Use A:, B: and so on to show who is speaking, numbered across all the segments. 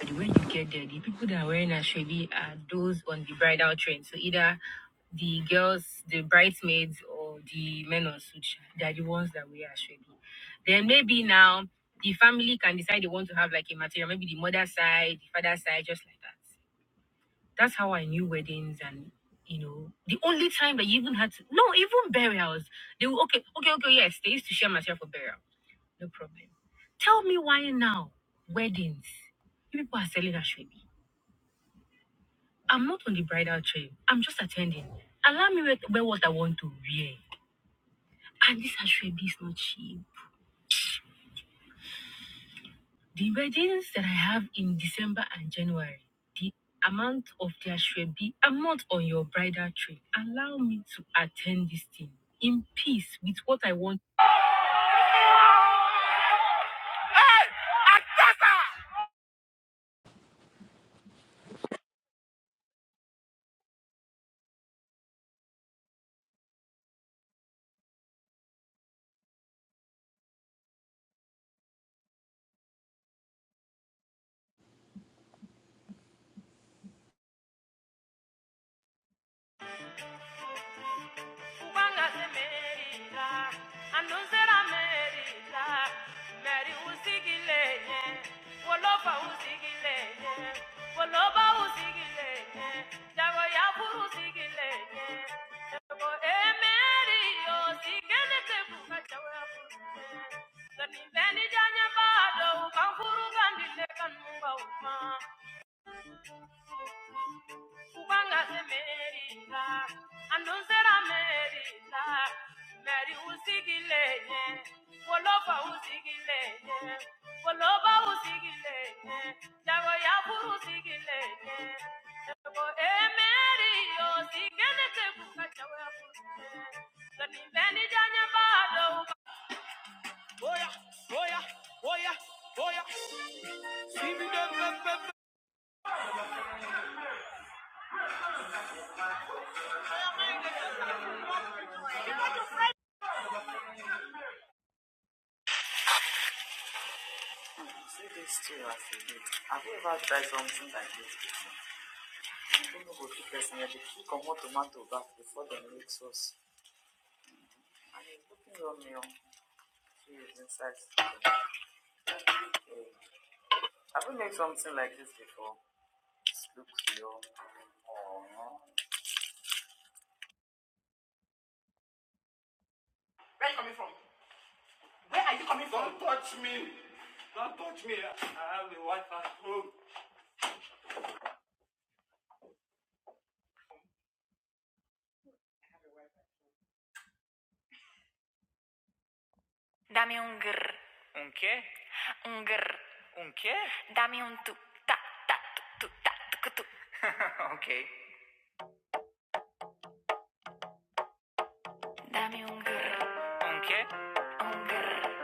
A: The way you get there, the people that are wearing ashwabi are those on the bridal train. So either the girls, the bridesmaids, or the men on suit, they are the ones that wear ashwabi. Then maybe now the family can decide they want to have like a material, maybe the mother side, the father side, just like that. That's how I knew weddings and you know the only time that you even had to no even burials they will okay okay okay yes they used to share material for burial no problem tell me why now weddings you people are selling ashwabi I'm not on the bridal train. I'm just attending. Allow me wear wear what I want to wear. And this Ashwebi is not cheap. The weddings that I have in December and January, the amount of the Ashwebi, I'm not on your bridal train. Allow me to attend this thing in peace with what I want. Wanga se merita, anunzera merita, meri usigilenye, wolofa usigilenye, woloba usigilenye, jago ya furu usigilenye, jago emeri yo sigene te kuka jago ya furu. Kani beni janya bado, kankuru kandile kanumba uma, Kubanga emerita, andunzera merita, meri usigilenye, wolofa usigilenye, woloba usigilenye, jago yafuru usigilenye, jago emeri osigene tekuka jago yafuru usigilenye, gani beni janya bado Oya, oya, oya, oya, Dame un grr, un grr. Dame un tu, ta, ta, tu, ta, tu, tu. Dame un grr, un grr,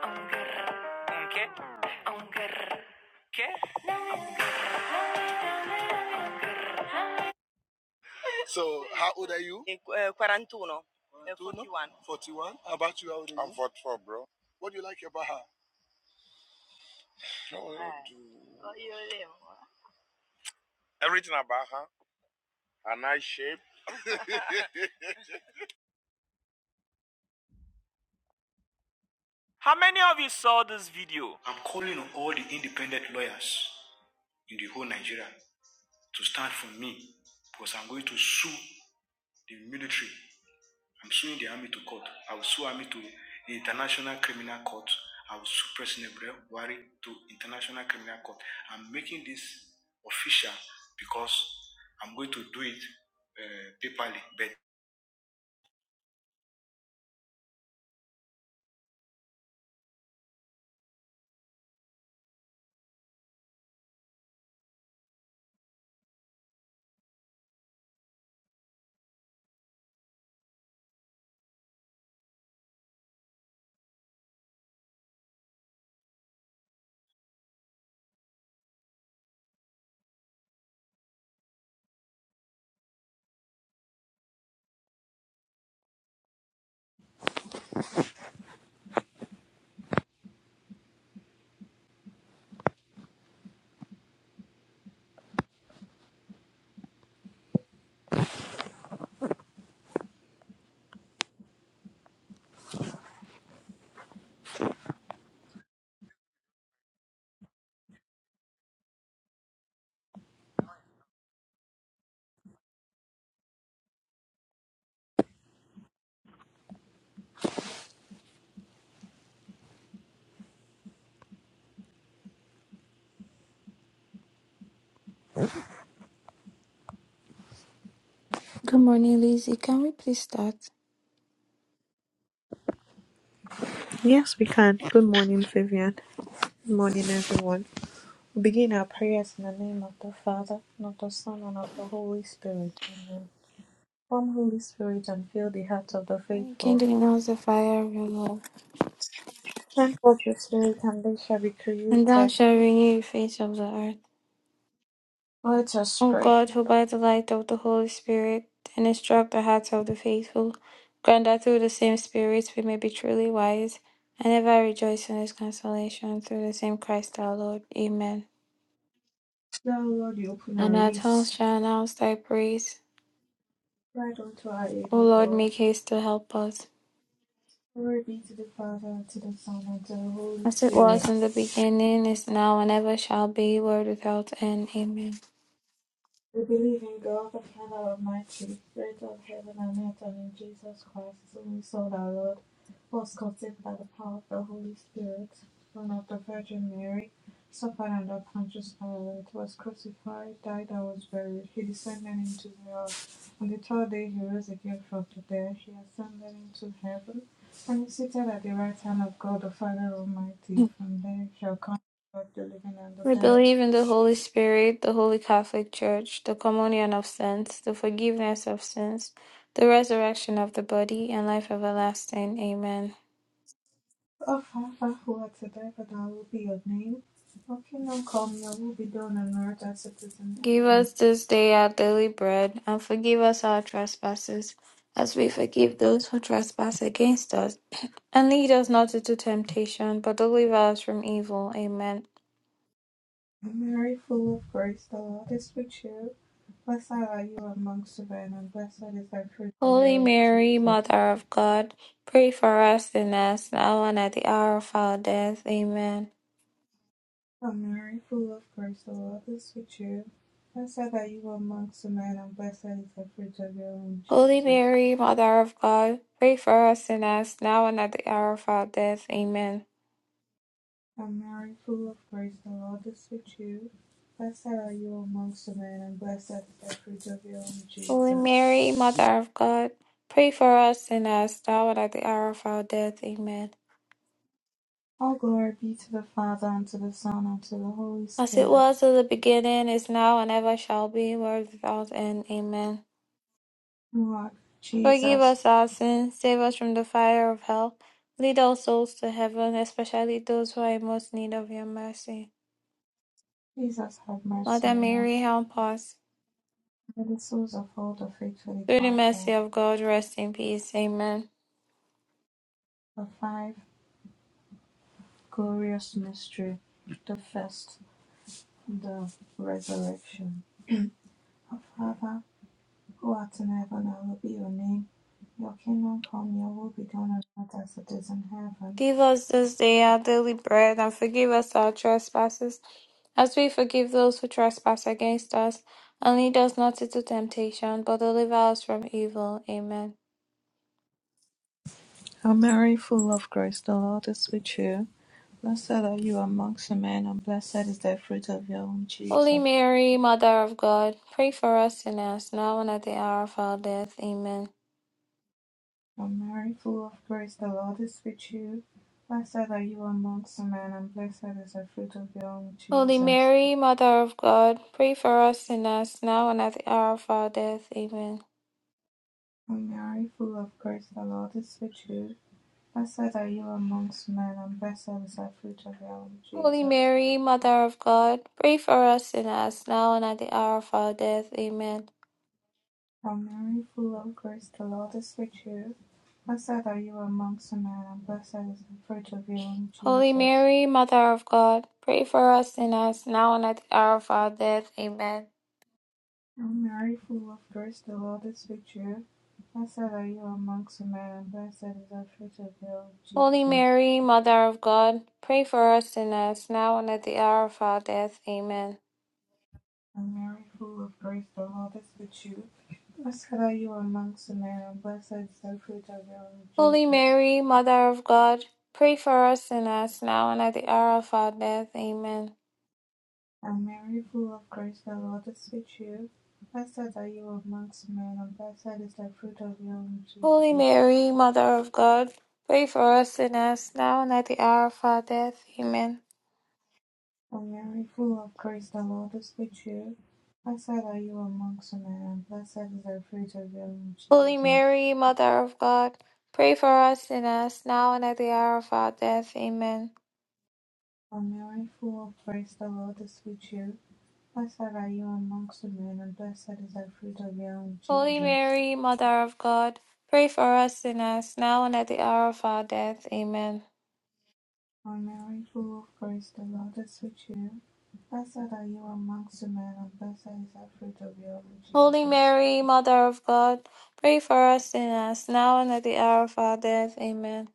A: un grr, un grr. So, how old are you? Yeah, 41. 41. How about you? How old are you? I'm 44, bro. What do you like about her? No, no, Everything about her, her nice shape. How many of you saw this video? I'm calling on all the independent lawyers in the whole Nigeria to stand for me because I'm going to sue the military. I'm suing the army to court. I will sue army to the International Criminal Court. I will sue President Buhari to International Criminal Court. I'm making this official because I'm going to do it uh, paperly. But
B: Good morning, Lizzie. Can we please start?
A: Yes, we can. Good morning, Vivian. Good morning, everyone. begin our prayers in the name of the Father, and of the Son, and of the Holy Spirit. Amen. Come, Holy Spirit, and fill the hearts of the
B: And
A: faithful.
B: kindle announce the fire of your love,
A: Send forth your Spirit, and they shall be
B: and thou
A: created.
B: shalt
A: Ouch.
B: renew the face of the earth.
A: Let us
B: O
A: pray.
B: God, who by the light of the Holy Spirit and instruct the hearts of the faithful, grant that through the same Spirit we may be truly wise, and ever rejoice in His consolation through the same Christ our Lord. Amen.
A: Thou, Lord, you open our
B: And our tongues
A: lips.
B: shall announce thy praise.
A: Grant unto our aid,
B: O
A: O
B: Lord,
A: God.
B: make haste to help us.
A: Glory be to the Father, and to the Son, and to the Holy
B: As it
A: Spirit.
B: was in the beginning, is now, and ever shall be, world without end. Amen.
A: We believe in God, the Father Almighty, creator of heaven and earth, and in Jesus Christ, his only Son, our Lord, who was conceived by the power of the Holy Spirit, born of the Virgin Mary, suffered under Pontius Pilate, was crucified, died, and was buried. He descended into the earth. On the third day, he rose again from the dead. He ascended into heaven, and is seated at the right hand of God, the Father Almighty. From there, he shall come to judge the living and the
B: We
A: dead.
B: believe in the Holy Spirit, the Holy Catholic Church, the communion of saints, the forgiveness of sins, the resurrection of the body, and life everlasting. Amen.
A: Of whom who are to die, but I will be your name. Your kingdom come, your will be done on earth as it is in
B: Give
A: heaven.
B: us this day our daily bread, and forgive us our trespasses, as we forgive those who trespass against us. And lead us not into temptation, but deliver us from evil. Amen.
A: And Mary, full of grace, the Lord is with you. Blessed are you amongst women, and blessed is the fruit of
B: Holy
A: your womb,
B: Mary,
A: Jesus.
B: Mother of God, pray for us sinners, now and at the hour of our death. Amen.
A: O Mary, full of grace, the Lord is with you. Blessed are you amongst men, and blessed is the fruit of your womb,
B: Holy
A: Jesus.
B: Mary, Mother of God, pray for us sinners, now and at the hour of our death. Amen.
A: O Mary, full of grace, the Lord is with you. Blessed are you amongst men, and blessed is the fruit of your womb,
B: Holy
A: Jesus.
B: Mary, Mother of God, pray for us sinners, now and at the hour of our death. Amen.
A: All glory be to the Father, and to the Son, and to the Holy
B: As it
A: Spirit.
B: was in the beginning, is now, and ever shall be, world without end. Amen.
A: Lord
B: Forgive
A: Jesus,
B: us our sins, save us from the fire of hell, lead all souls to heaven, especially those who are in most need of your mercy.
A: Jesus, have mercy
B: Mother
A: on
B: Mary,
A: us.
B: help us.
A: May the souls of all the faithful
B: Through the mercy
A: departed.
B: of God, rest in peace. Amen.
A: The five glorious mystery. The first, the resurrection. Our Father, who art in heaven, hallowed be your name. Your kingdom come, your will be done on earth as it is in heaven.
B: Give us this day our daily bread, and forgive us our trespasses, as we forgive those who trespass against us. And lead us not into temptation, but deliver us from evil. Amen.
A: O Mary, full of grace, the Lord is with you. Blessed are you amongst men, and blessed is the fruit of your womb,
B: Holy
A: Jesus.
B: Mary, Mother of God, pray for us sinners, now and at the hour of our death. Amen.
A: O Mary, full of grace, the Lord is with you. Blessed are you amongst men, and blessed is the fruit of your womb,
B: Holy
A: Jesus.
B: Mary, Mother of God, pray for us sinners, now and at the hour of our death. Amen.
A: O Mary, full of grace, the Lord is with you. Blessed are you amongst men, and blessed is the fruit of your womb,
B: Holy
A: Jesus.
B: Mary, Mother of God, pray for us sinners, now and at the hour of our death. Amen.
A: O Mary, full of grace, the Lord is with you. Blessed are you amongst men, and blessed is the fruit of your womb,
B: Holy
A: Jesus.
B: Mary, Mother of God, pray for us sinners, now and at the hour of our death. Amen.
A: O Mary, full of grace, the Lord is with you. Blessed are you amongst men, and blessed is the fruit of your womb,
B: Holy
A: Jesus.
B: Mary, Mother of God, pray for us sinners, now and at the hour of our death. Amen.
A: O Mary, full of grace, the Lord is with you. Blessed are you amongst men, and blessed is the fruit of your womb,
B: Holy
A: Jesus.
B: Mary, Mother of God, pray for us sinners, now and at the hour of our death. Amen.
A: And Mary, full of grace, the Lord is with you. Blessed are you amongst men, and blessed is the fruit of your womb,
B: Holy
A: Jesus.
B: Mary, Mother of God, pray for us sinners, now and at the hour of our death. Amen.
A: And Mary, full of grace, the Lord is with you. Blessed are you amongst men, and blessed is the fruit of your womb,
B: Holy
A: Jesus.
B: Mary, Mother of God, pray for us sinners, now and at the hour of our death. Amen.
A: And Mary, full of grace, the Lord is with you. Blessed are you amongst men, and blessed is the fruit of your womb,
B: Holy
A: Jesus.
B: Mary, Mother of God, pray for us sinners, now and at the hour of our death. Amen.
A: O Mary, full of grace, the Lord is with you. Blessed are you amongst women, and blessed is the fruit of your womb,
B: Holy
A: Jesus.
B: Mary, Mother of God, pray for us sinners, now and at the hour of our death. Amen.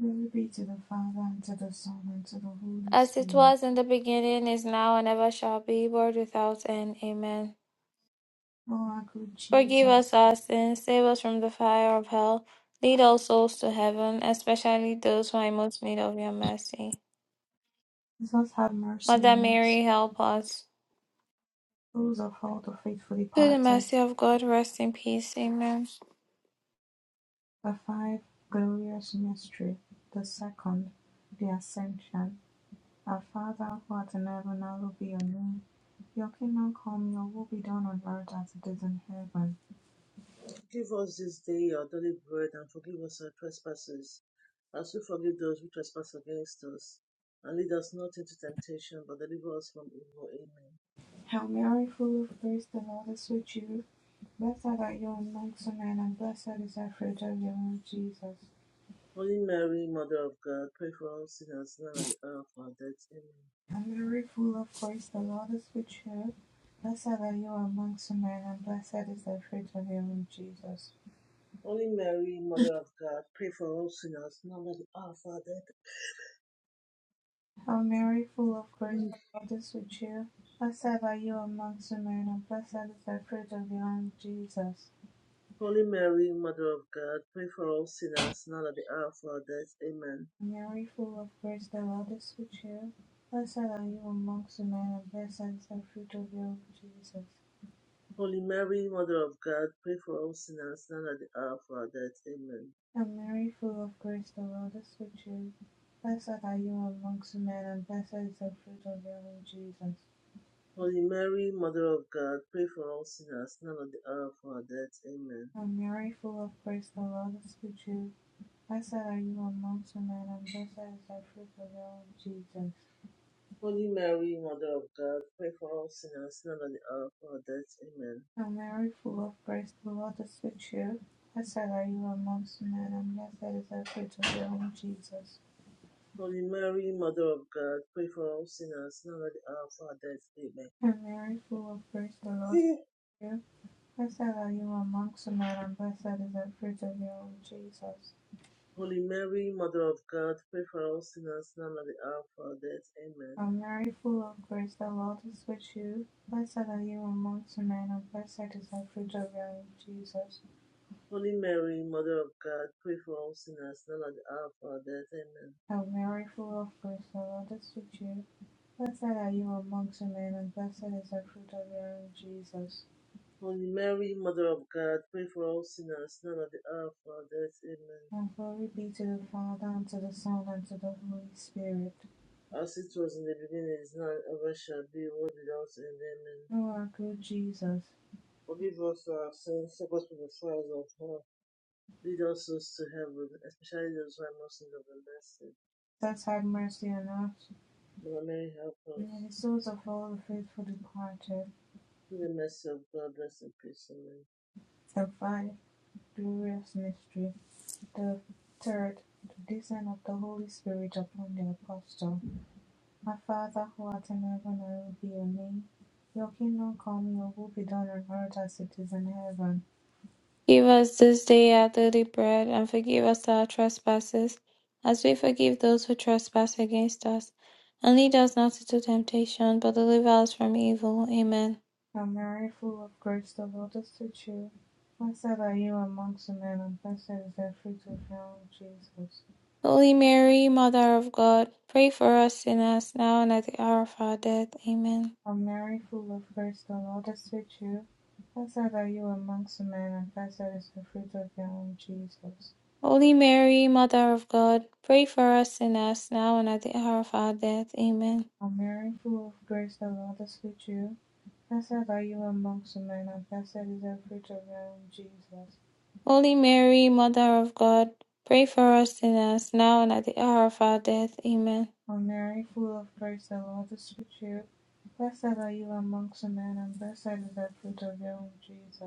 A: Glory be to the Father, and to the Son, and to the Holy
B: As it was
A: Spirit.
B: in the beginning, is now, and ever shall be, world without end. Amen.
A: O our good
B: Forgive us
A: Jesus,
B: our sins, save us from the fire of hell, lead all souls to heaven, especially those who are in most need of your mercy.
A: Jesus have mercy
B: Mother
A: on us,
B: Mary, help us.
A: those of all the faithful
B: Through the
A: departed.
B: mercy of God, rest in peace. Amen.
A: The five glorious mystery, the second, the Ascension. Our Father, who art in heaven, hallowed be your name. Your kingdom come, your will be done on earth as it is in heaven.
C: Give us this day our daily bread, and forgive us our trespasses, as we forgive those who trespass against us. And lead us not into temptation, but deliver us from evil. Amen.
A: Hail Mary, full of grace, the Lord is with you. Blessed are you amongst men, and blessed is the fruit of your womb, Jesus.
C: Holy Mary, Mother of God, pray for us sinners now at the hour of our death. Amen.
A: Hail Mary, full of grace, the Lord is with you. Blessed are you amongst men, and blessed is the fruit of your womb, Jesus.
C: Holy Mary, Mother of God, pray for us sinners now at the hour of our death.
A: Hail Mary, full of grace,
C: Amen.
A: the Lord is with you. Blessed are you amongst men, and blessed is the fruit of your womb, Jesus.
C: Holy Mary, Mother of God, pray for us sinners now at the hour of our death. Amen.
A: Hail Mary, full of grace, the Lord is with you. Blessed are you amongst men, and blessed is the fruit of your womb, Jesus.
C: Holy Mary, Mother of God, pray for us sinners now at the hour of our death. Amen.
A: And Mary full of grace the Lord is with you. Blessed are you amongst men, and blessed is the fruit of your womb, Jesus.
C: Holy Mary, Mother of God, pray for all sinners, now and at the hour of our death. Amen.
A: And Mary full of grace the Lord is with you. Blessed are you amongst men, and blessed is the fruit of your womb, Jesus.
C: Holy Mary, Mother of God, pray for all sinners, now and at the hour of our death. Amen.
A: And Mary full of grace the Lord is with you. Blessed are you amongst men, and blessed is the fruit of your womb, Jesus.
C: Holy Mary, Mother of God, pray for all sinners, now and at the hour of our death.
A: And Mary full of grace the Lord is
C: Amen.
A: with you. Blessed are you amongst men, and blessed is the fruit of your womb, Jesus.
C: Holy Mary, Mother of God, pray for all sinners, now and at the hour of our death. Amen.
A: O Mary, full of grace, the Lord is with you. Blessed are you amongst men, and blessed is the fruit of your womb, Jesus.
C: Holy Mary, Mother of God, pray for all sinners, now and at the hour of our death. Amen.
A: O Mary, full of grace, the Lord is with you. Blessed are you amongst men, and blessed is the fruit of your womb, Jesus.
C: Holy Mary, Mother of God, pray for all sinners, now and at the hour of our death. Amen.
A: And glory be to the Father, and to the Son, and to the Holy Spirit.
C: As it was in the beginning, is now, and ever shall be, world without end. Amen.
A: O our good Jesus,
C: Forgive us our sins, save us from the fires of hell. Lead us souls to heaven, especially those who are most in need of the mercy.
A: thus have mercy on us,
C: Mother Mary, help us.
A: and the souls of all the faithful departed.
C: Through the mercy of God, rest in peace. Amen.
A: Survive Glorious mystery. The third, the descent of the Holy Spirit upon the apostle. My Father who art in heaven, hallowed be your name. Your kingdom come, your will be done on earth as it is in heaven.
B: Give us this day our daily bread, and forgive us our trespasses, as we forgive those who trespass against us. And lead us not into temptation, but deliver us from evil. Amen.
A: Hail Mary, full of grace, the Lord is with you. Blessed are you amongst men, and blessed is the fruit of your womb, Jesus.
B: Holy Mary, Mother of God, pray for us sinners, now and at the hour of our death. Amen.
A: Hail Mary, full of grace, the Lord is with you. Blessed are you amongst men, and blessed is the fruit of your womb, Jesus.
B: Holy Mary, Mother of God, pray for us sinners, now and at the hour of our death. Amen.
A: O Mary, full of grace, the Lord is with you. Blessed are you amongst women, and blessed is the fruit of your womb, Jesus.
B: Holy Mary, Mother of God, pray for us sinners, now and at the hour of our death. Amen.
A: O Mary, full of grace, the Lord is with you. Blessed are you amongst women, and blessed is the fruit of your womb, Jesus.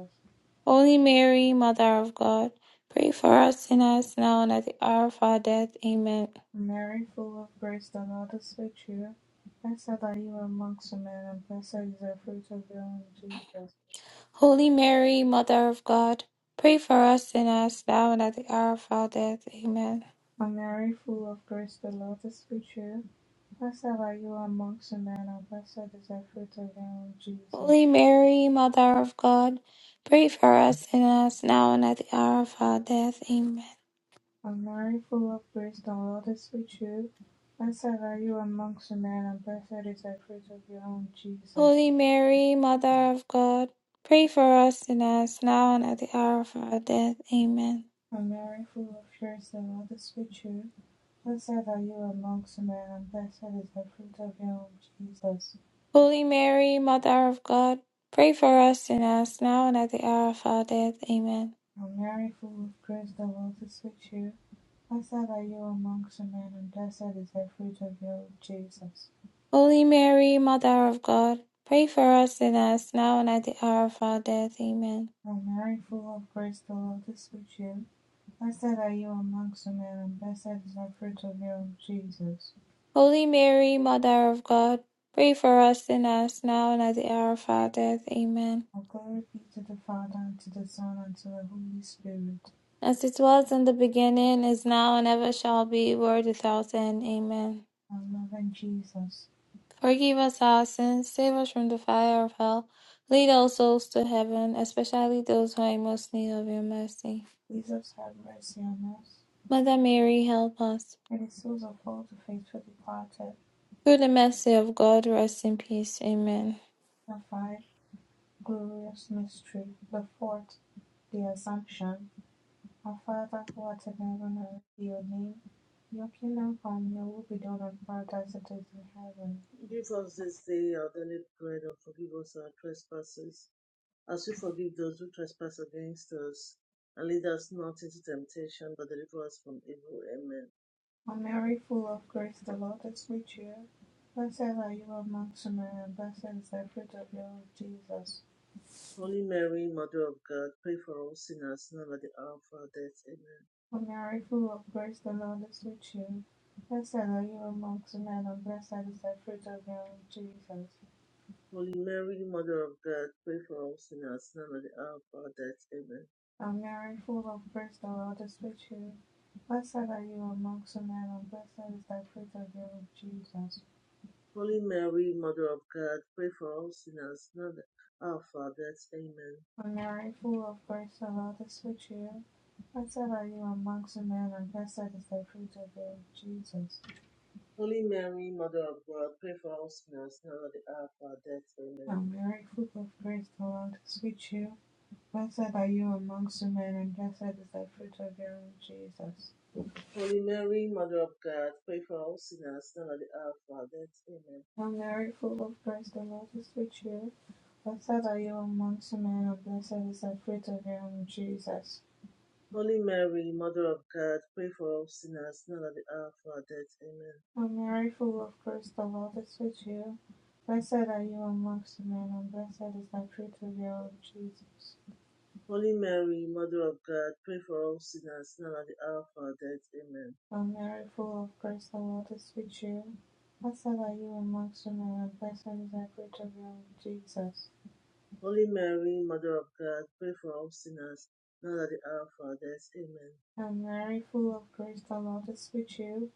B: Holy Mary, Mother of God, pray for us sinners now and at the hour of our death. Amen.
A: O Mary, full of grace, the Lord is with you. Blessed are you amongst women, and blessed is the fruit of your womb, Jesus.
B: Holy Mary, Mother of God, pray for us sinners now and at the hour of our death. Amen.
A: On Mary, full of grace, the Lord is with you. Blessed are you amongst women, and blessed is the fruit of your womb, Jesus.
B: Holy Mary, Mother of God, pray for us sinners now and at the hour of our death. Amen.
A: On Mary, full of grace, the Lord is with you. Blessed are you amongst women, and blessed is the fruit of your womb, Jesus.
B: Holy Mary, Mother of God, pray for us sinners now and at the hour of our death. Amen.
A: On Mary, full of grace, the Lord is with you. Blessed are you amongst men, and blessed is the fruit of your womb, Jesus.
B: Holy Mary, Mother of God, pray for us sinners now and at the hour of our death. Amen.
A: O Mary, full of grace, the Lord is with you. Blessed are you amongst women, and blessed is the fruit of your womb, Jesus.
B: Holy Mary, Mother of God, pray for us sinners now and at the hour of our death. Amen.
A: O Mary, full of grace, the Lord is with you. Blessed are you amongst women, and blessed is the fruit of your womb, Jesus.
B: Holy Mary, Mother of God, pray for us sinners now and at the hour of our death. Amen.
A: All glory be to the Father, and to the Son, and to the Holy Spirit.
B: As it was in the beginning, is now, and ever shall be, world without end. Amen.
A: Our loving Jesus,
B: Forgive us our sins, save us from the fire of hell, lead all souls to heaven, especially those who are in most need of your mercy.
A: Jesus have mercy on us,
B: Mother Mary, help us.
A: and the souls of all the faithful departed,
B: Through the mercy of God, rest in peace. Amen.
A: the five Glorious mystery, the fourth, the Assumption. Our Father who art in heaven, hallowed be your name. Your kingdom come, your will be done on earth as it is in heaven.
C: Give us this day our daily bread, and forgive us our trespasses as we forgive those who trespass against us, and lead us not into temptation, but deliver us from evil. Amen.
A: O Mary, full of grace, the Lord is with you. Blessed are you amongst women, and blessed is the fruit of your womb, Jesus.
C: Holy Mary, Mother of God, pray for all sinners, now and at the hour of our death. Amen.
A: O Mary, full of grace, the Lord is with you. Blessed are you amongst women, and blessed is the fruit of your womb, Jesus.
C: Holy Mary, Mother of God, pray for all sinners, now and at the hour of our death. Amen.
A: and Mary, full of grace, the Lord is with you. Blessed are you amongst men, and blessed is thy fruit of your womb, Jesus.
C: Holy Mary, Mother of God, pray for all sinners, now and at the hour of our death. Amen.
A: And Mary, full of grace, the Lord is with you. Blessed are you amongst men, and blessed is the fruit of your womb, Jesus.
C: Holy Mary, Mother of God, pray for all sinners, now and at the hour of our death. Amen.
A: And Mary, full of grace, the Lord is with you. Blessed are you amongst men, and blessed is the fruit of your womb, Jesus.
C: Holy Mary, Mother of God, pray for all sinners now at the hour of our death. Amen.
A: Hail Mary, full of grace, the Lord is with you. Blessed are you amongst men, and blessed is the fruit of your womb, Jesus.
C: Holy Mary, Mother of God, pray for all sinners now at the hour of our death. Amen.
A: Hail Mary, full of grace, the Lord is with you. Blessed are you amongst men, and blessed is the fruit of your womb, Jesus.
C: Holy Mary, Mother of God, pray for all sinners now at the hour of our death. Amen.
A: Hail Mary, full of grace, the Lord is with you. Blessed are you amongst men, and blessed is the fruit of your womb, Jesus.
C: Holy Mary, Mother of God, pray for all sinners now at the hour of our death. Amen.
A: And Mary, full of grace, the Lord is with you.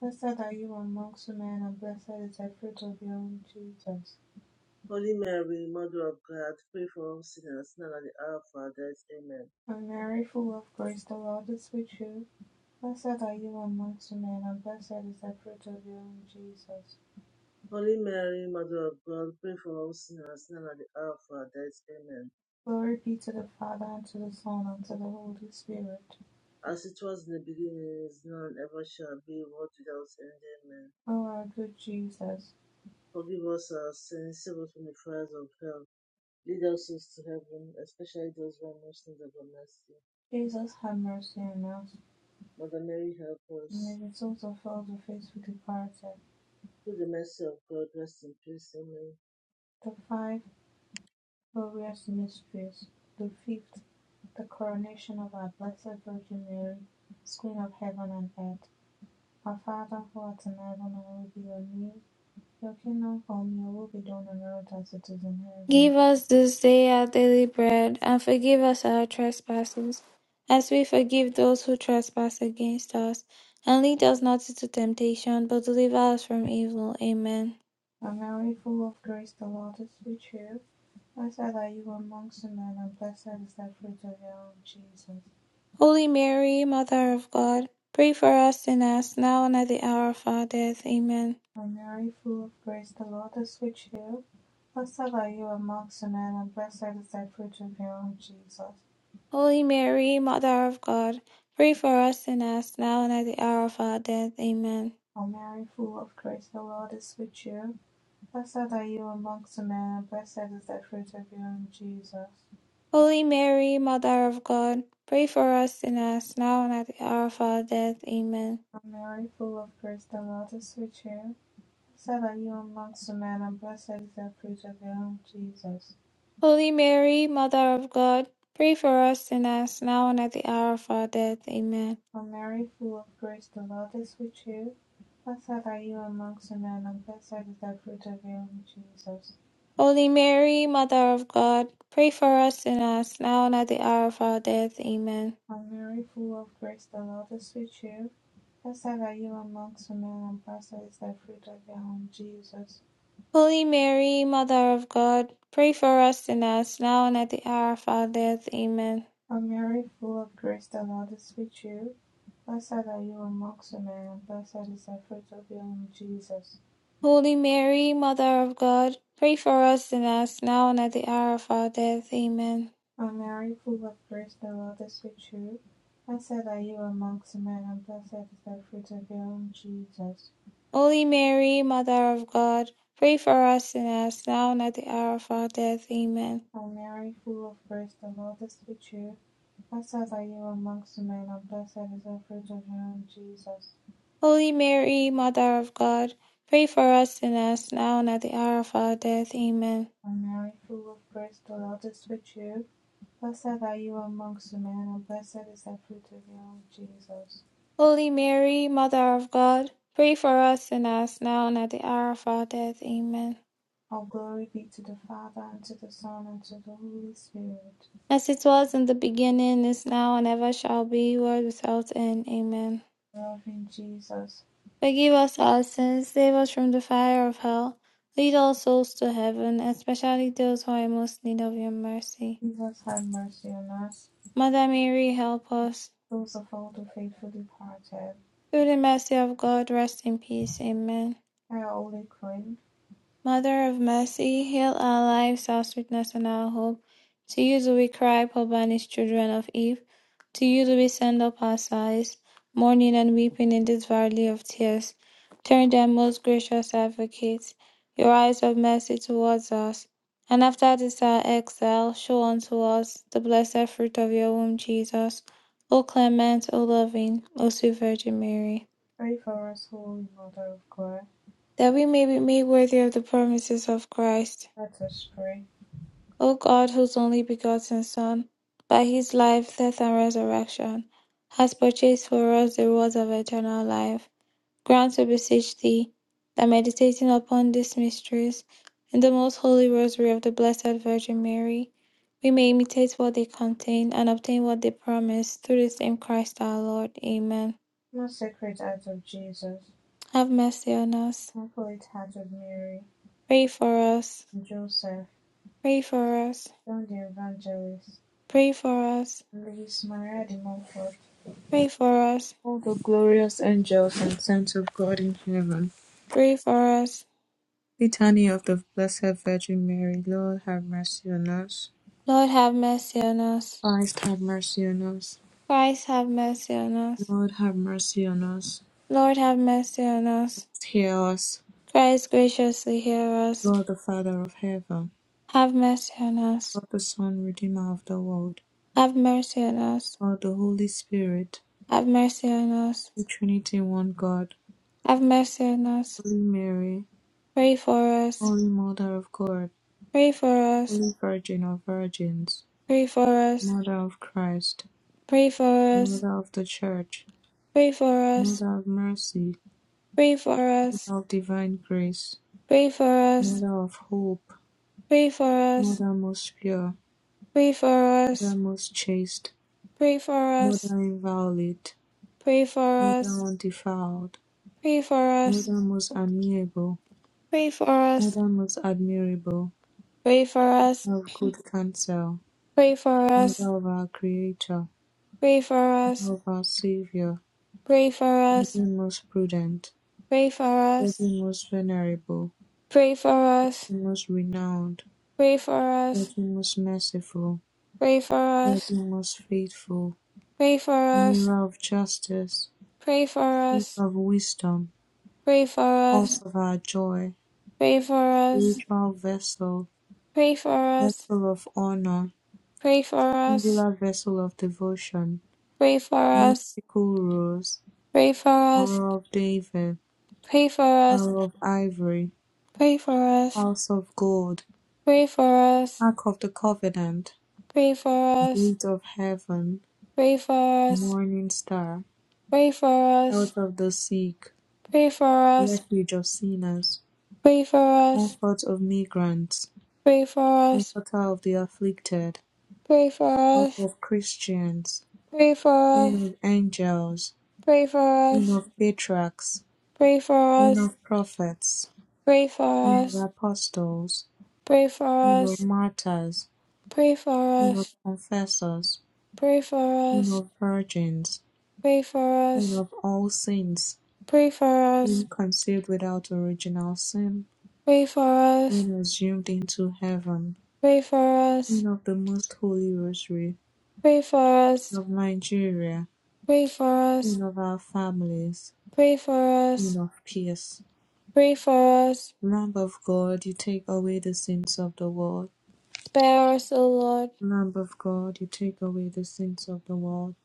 A: Blessed are you amongst women, and blessed is the fruit of your womb, Jesus.
C: Holy Mary, Mother of God, pray for all sinners now at the hour of our death. Amen.
A: And Mary, full of grace, the Lord is with you. Blessed are you amongst women, and blessed is the fruit of your womb, Jesus.
C: Holy Mary, Mother of God, pray for all sinners now at the hour of our death. Amen.
A: Glory be to the Father, and to the Son, and to the Holy Spirit.
C: as it was in the beginning, is now, and ever shall be, world without end. Amen.
A: O our good Jesus,
C: Forgive us our sins, save us from the fires of hell. Lead us souls to heaven, especially those who are most in the mercy.
A: Jesus, have mercy on us.
C: Mother Mary, help
A: And may
C: us.
A: the souls of all the faithful departed,
C: Through the mercy of God, rest in peace. Amen.
A: the five Glorious Mysteries, the fifth, the coronation of our Blessed Virgin Mary, Queen of Heaven and Earth. Our Father who art in heaven, hallowed be your name. Your kingdom come, your will be done on earth as it is in heaven.
B: Give us this day our daily bread, and forgive us our trespasses, as we forgive those who trespass against us. And lead us not into temptation, but deliver us from evil. Amen.
A: O Mary, full of grace, the Lord is with you. Blessed are you amongst women, and blessed is the fruit of your womb, Jesus.
B: Holy Mary, Mother of God, pray for us sinners, now and at the hour of our death. Amen.
A: O Mary, full of grace, the Lord is with you. Blessed are you amongst women, and blessed is the fruit of your womb, Jesus.
B: Holy Mary, Mother of God, pray for us sinners, now and at the hour of our death. Amen.
A: O Mary, full of grace, the Lord is with you. Blessed are you amongst men, and blessed is the fruit of your womb, Jesus.
B: Holy Mary, Mother of God, pray for us sinners, now and at the hour of our death. Amen.
A: O Mary, full of grace, the Lord is with you. Blessed are you amongst men, and blessed is the fruit of your womb, Jesus.
B: Holy Mary, Mother of God, pray for us sinners, now and at the hour of our death. Amen.
A: O Mary, full of grace, the Lord is with you. Blessed are you amongst men, and blessed is the fruit of your womb, Jesus.
B: Holy Mary, Mother of God, pray for us sinners, now and at the hour of our death. Amen.
A: O Mary, full of grace, the Lord is with you. Blessed are you amongst men, and blessed is the fruit of your womb, Jesus.
B: Holy Mary, Mother of God, pray for us sinners, now and at the hour of our death. Amen.
A: O Mary, full of grace, the Lord is with you. Blessed are you amongst women, and blessed is the fruit of your womb, Jesus.
B: Holy Mary, Mother of God, pray for us sinners, now and at the hour of our death. Amen.
A: O Mary, full of grace, the Lord is with you. Blessed are you amongst men, and blessed is the fruit of your womb, Jesus.
B: Holy Mary, Mother of God, pray for us sinners, now and at the hour of our death. Amen.
A: O Mary, full of grace, the Lord is with you. Blessed are you amongst men, and blessed is the fruit of your womb, Jesus.
B: Holy Mary, Mother of God, pray for us sinners, now and at the hour of our death. Amen.
A: A Mary, full of grace, the Lord is with you. Blessed are you amongst women, and blessed is the fruit of your womb, Jesus.
B: Holy Mary, Mother of God, pray for us sinners, now and at the hour of our death. Amen.
A: All glory be to the Father, and to the Son, and to the Holy Spirit.
B: As it was in the beginning, is now, and ever shall be, world without end. Amen.
A: Loving Jesus,
B: Forgive us our sins, save us from the fire of hell, lead all souls to heaven, especially those who are in most need of your mercy.
A: Jesus have mercy on us,
B: Mother Mary, help us.
A: those of all the faithful departed.
B: Through the mercy of God, rest in peace. Amen.
A: Hail, Holy Queen,
B: Mother of mercy, heal our lives, our sweetness, and our hope. To you do we cry, poor banished children of Eve. To you do we send up our sighs, mourning and weeping in this valley of tears. Turn then, most gracious advocate, your eyes of mercy towards us. And after this our exile, show unto us the blessed fruit of your womb, Jesus. O clement, O loving, O sweet Virgin Mary,
A: pray for us, Holy Mother of God.
B: that we may be made worthy of the promises of Christ.
A: Let us pray.
B: O God, whose only begotten Son, by his life, death, and resurrection, has purchased for us the rewards of eternal life, grant, we beseech thee, that meditating upon these mysteries in the most holy rosary of the Blessed Virgin Mary, we may imitate what they contain and obtain what they promise through the same Christ our Lord. Amen.
A: Most sacred heart of Jesus,
B: Have mercy on us.
A: immaculate heart of Mary,
B: Pray for us.
A: and Joseph,
B: Pray for us.
A: John the Evangelist,
B: Pray for us.
A: Praise Maria, the Mother of God.
B: Pray for us.
A: All the glorious angels and saints of God in heaven.
B: Pray for us.
A: Litany of the Blessed Virgin Mary. Lord, have mercy on us.
B: Lord have mercy on us.
A: Christ, have mercy on us.
B: Christ have mercy on us.
A: Lord, have mercy on us.
B: Lord have mercy on us.
A: Christ, hear us.
B: Christ graciously hear us.
A: God, the Father of heaven.
B: Have mercy on us.
A: God, the Son, Redeemer of the world.
B: Have mercy on us.
A: God, the Holy Spirit.
B: Have mercy on us.
A: The Trinity, one God.
B: Have mercy on us.
A: Holy Mary,
B: Pray for us.
A: Holy Mother of God.
B: Pray for us.
A: Holy Virgin of Virgins.
B: Pray for us.
A: Mother of Christ.
B: Pray for us.
A: Mother of the Church,
B: Pray for us.
A: Mother of Mercy,
B: Pray for us.
A: Mother of Divine Grace,
B: Pray for us.
A: Mother of Hope,
B: Pray for us.
A: Mother most pure,
B: Pray for
A: Mother
B: us.
A: most chaste,
B: Pray for us.
A: Mother inviolate,
B: Pray for
A: Mother
B: us.
A: undefiled,
B: Pray for us.
A: Mother most amiable,
B: Pray for us.
A: Mother most admirable,
B: Pray for us,
A: Mother of good counsel,
B: pray for
A: Mother
B: us,
A: of our Creator,
B: pray for
A: Mother
B: us,
A: of our Savior,
B: pray for us,
A: Virgin most prudent,
B: pray for us,
A: Virgin most venerable,
B: pray for us,
A: Virgin most renowned,
B: pray for us,
A: Virgin most merciful,
B: pray for us,
A: Virgin most faithful,
B: pray for us,
A: mirror of justice,
B: pray for
A: seat
B: us,
A: of wisdom,
B: pray for
A: pulse
B: us,
A: of our joy,
B: pray for us, pray for us,
A: spiritual vessel,
B: pray for us,
A: vessel of honor,
B: pray for us,
A: singular vessel of devotion,
B: pray for us, pray for us,
A: mystical rose,
B: pray for us,
A: arrow of David,
B: pray for us,
A: arrow of ivory,
B: pray for us,
A: house of gold,
B: pray for us,
A: ark of the covenant,
B: pray
A: gate of heaven, morning star,
B: for us,
A: health of the sick,
B: pray for us.
A: refuge of sinners,
B: Pray for us,
A: comfort of migrants,
B: pray for us,
A: comforter of the afflicted,
B: pray for
A: Pope
B: us,
A: of Christians,
B: pray for
A: Queen
B: us,
A: of Angels,
B: pray for
A: Queen
B: us,
A: of Patriarchs,
B: pray for
A: Queen
B: us,
A: of Prophets,
B: pray for
A: Queen of
B: us,
A: Apostles,
B: pray for
A: Queen of
B: us,
A: Martyrs,
B: pray for
A: Queen of
B: us,
A: Confessors,
B: pray for
A: Queen
B: us,
A: of Virgins,
B: pray for
A: Queen
B: us,
A: of All Saints,
B: pray for us,
A: Queen conceived without original sin,
B: pray for us, pray for us,
A: Queen assumed into heaven,
B: pray for us, pray for us,
A: Queen of the Most Holy Rosary,
B: pray for
A: Queen of
B: us,
A: Nigeria, Queen of our families,
B: pray for
A: Queen of peace.
B: us,
A: Lamb of God, you take away the sins of the world.
B: spare us, O Lord.
A: Lamb of God, you take away the sins of the world.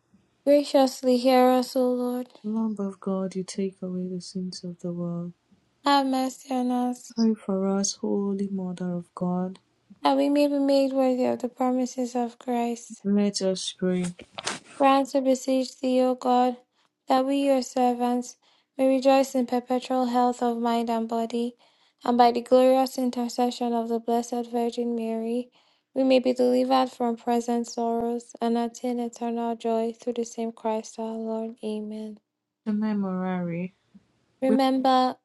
B: Graciously hear us, O Lord.
A: Lamb of God, you take away the sins of the world.
B: Have mercy on us.
A: Pray for us, Holy Mother of God.
B: That we may be made worthy of the promises of Christ.
A: Let us pray.
B: Grant, we beseech thee, O God, that we, your servants, may rejoice in perpetual health of mind and body, and by the glorious intercession of the Blessed Virgin Mary, we may be delivered from present sorrows and attain eternal joy through the same Christ our Lord. Amen.
A: The Memorare. We,
B: Remember,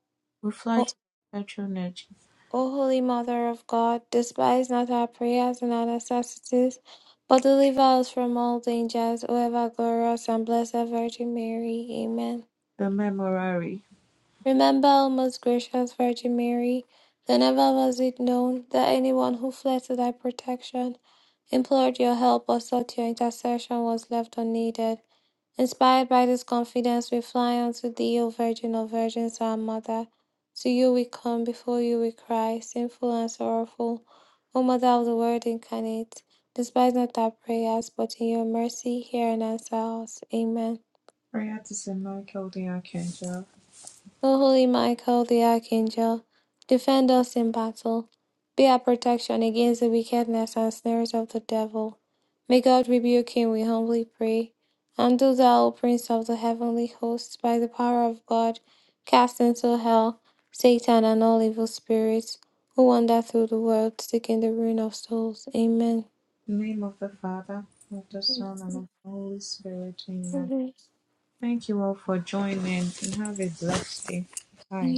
A: we fly
B: O
A: to the patronage.
B: O Holy Mother of God, despise not our prayers and our necessities, but deliver us from all dangers, O ever glorious and blessed Virgin Mary. Amen.
A: The Memorare.
B: Remember, O most gracious Virgin Mary, that never was it known that anyone who fled to thy protection, implored your help, or sought your intercession was left unneeded. Inspired by this confidence, we fly unto thee, O Virgin of Virgins, our Mother. To you we come, before you we cry, sinful and sorrowful. O Mother of the Word incarnate, despise not our prayers, but in your mercy hear and answer us. Amen.
A: Prayer to St. Michael the Archangel.
B: O holy Michael the archangel, defend us in battle. Be our protection against the wickedness and snares of the devil. May God rebuke him, we humbly pray. And do thou, O Prince of the heavenly hosts, by the power of God, cast into hell Satan and all evil spirits who wander through the world seeking the ruin of souls. Amen.
A: In the name of the Father, of the Son, and of the Holy Spirit. Amen.
B: Amen.
A: Thank you all for joining and have a blessed day. Bye.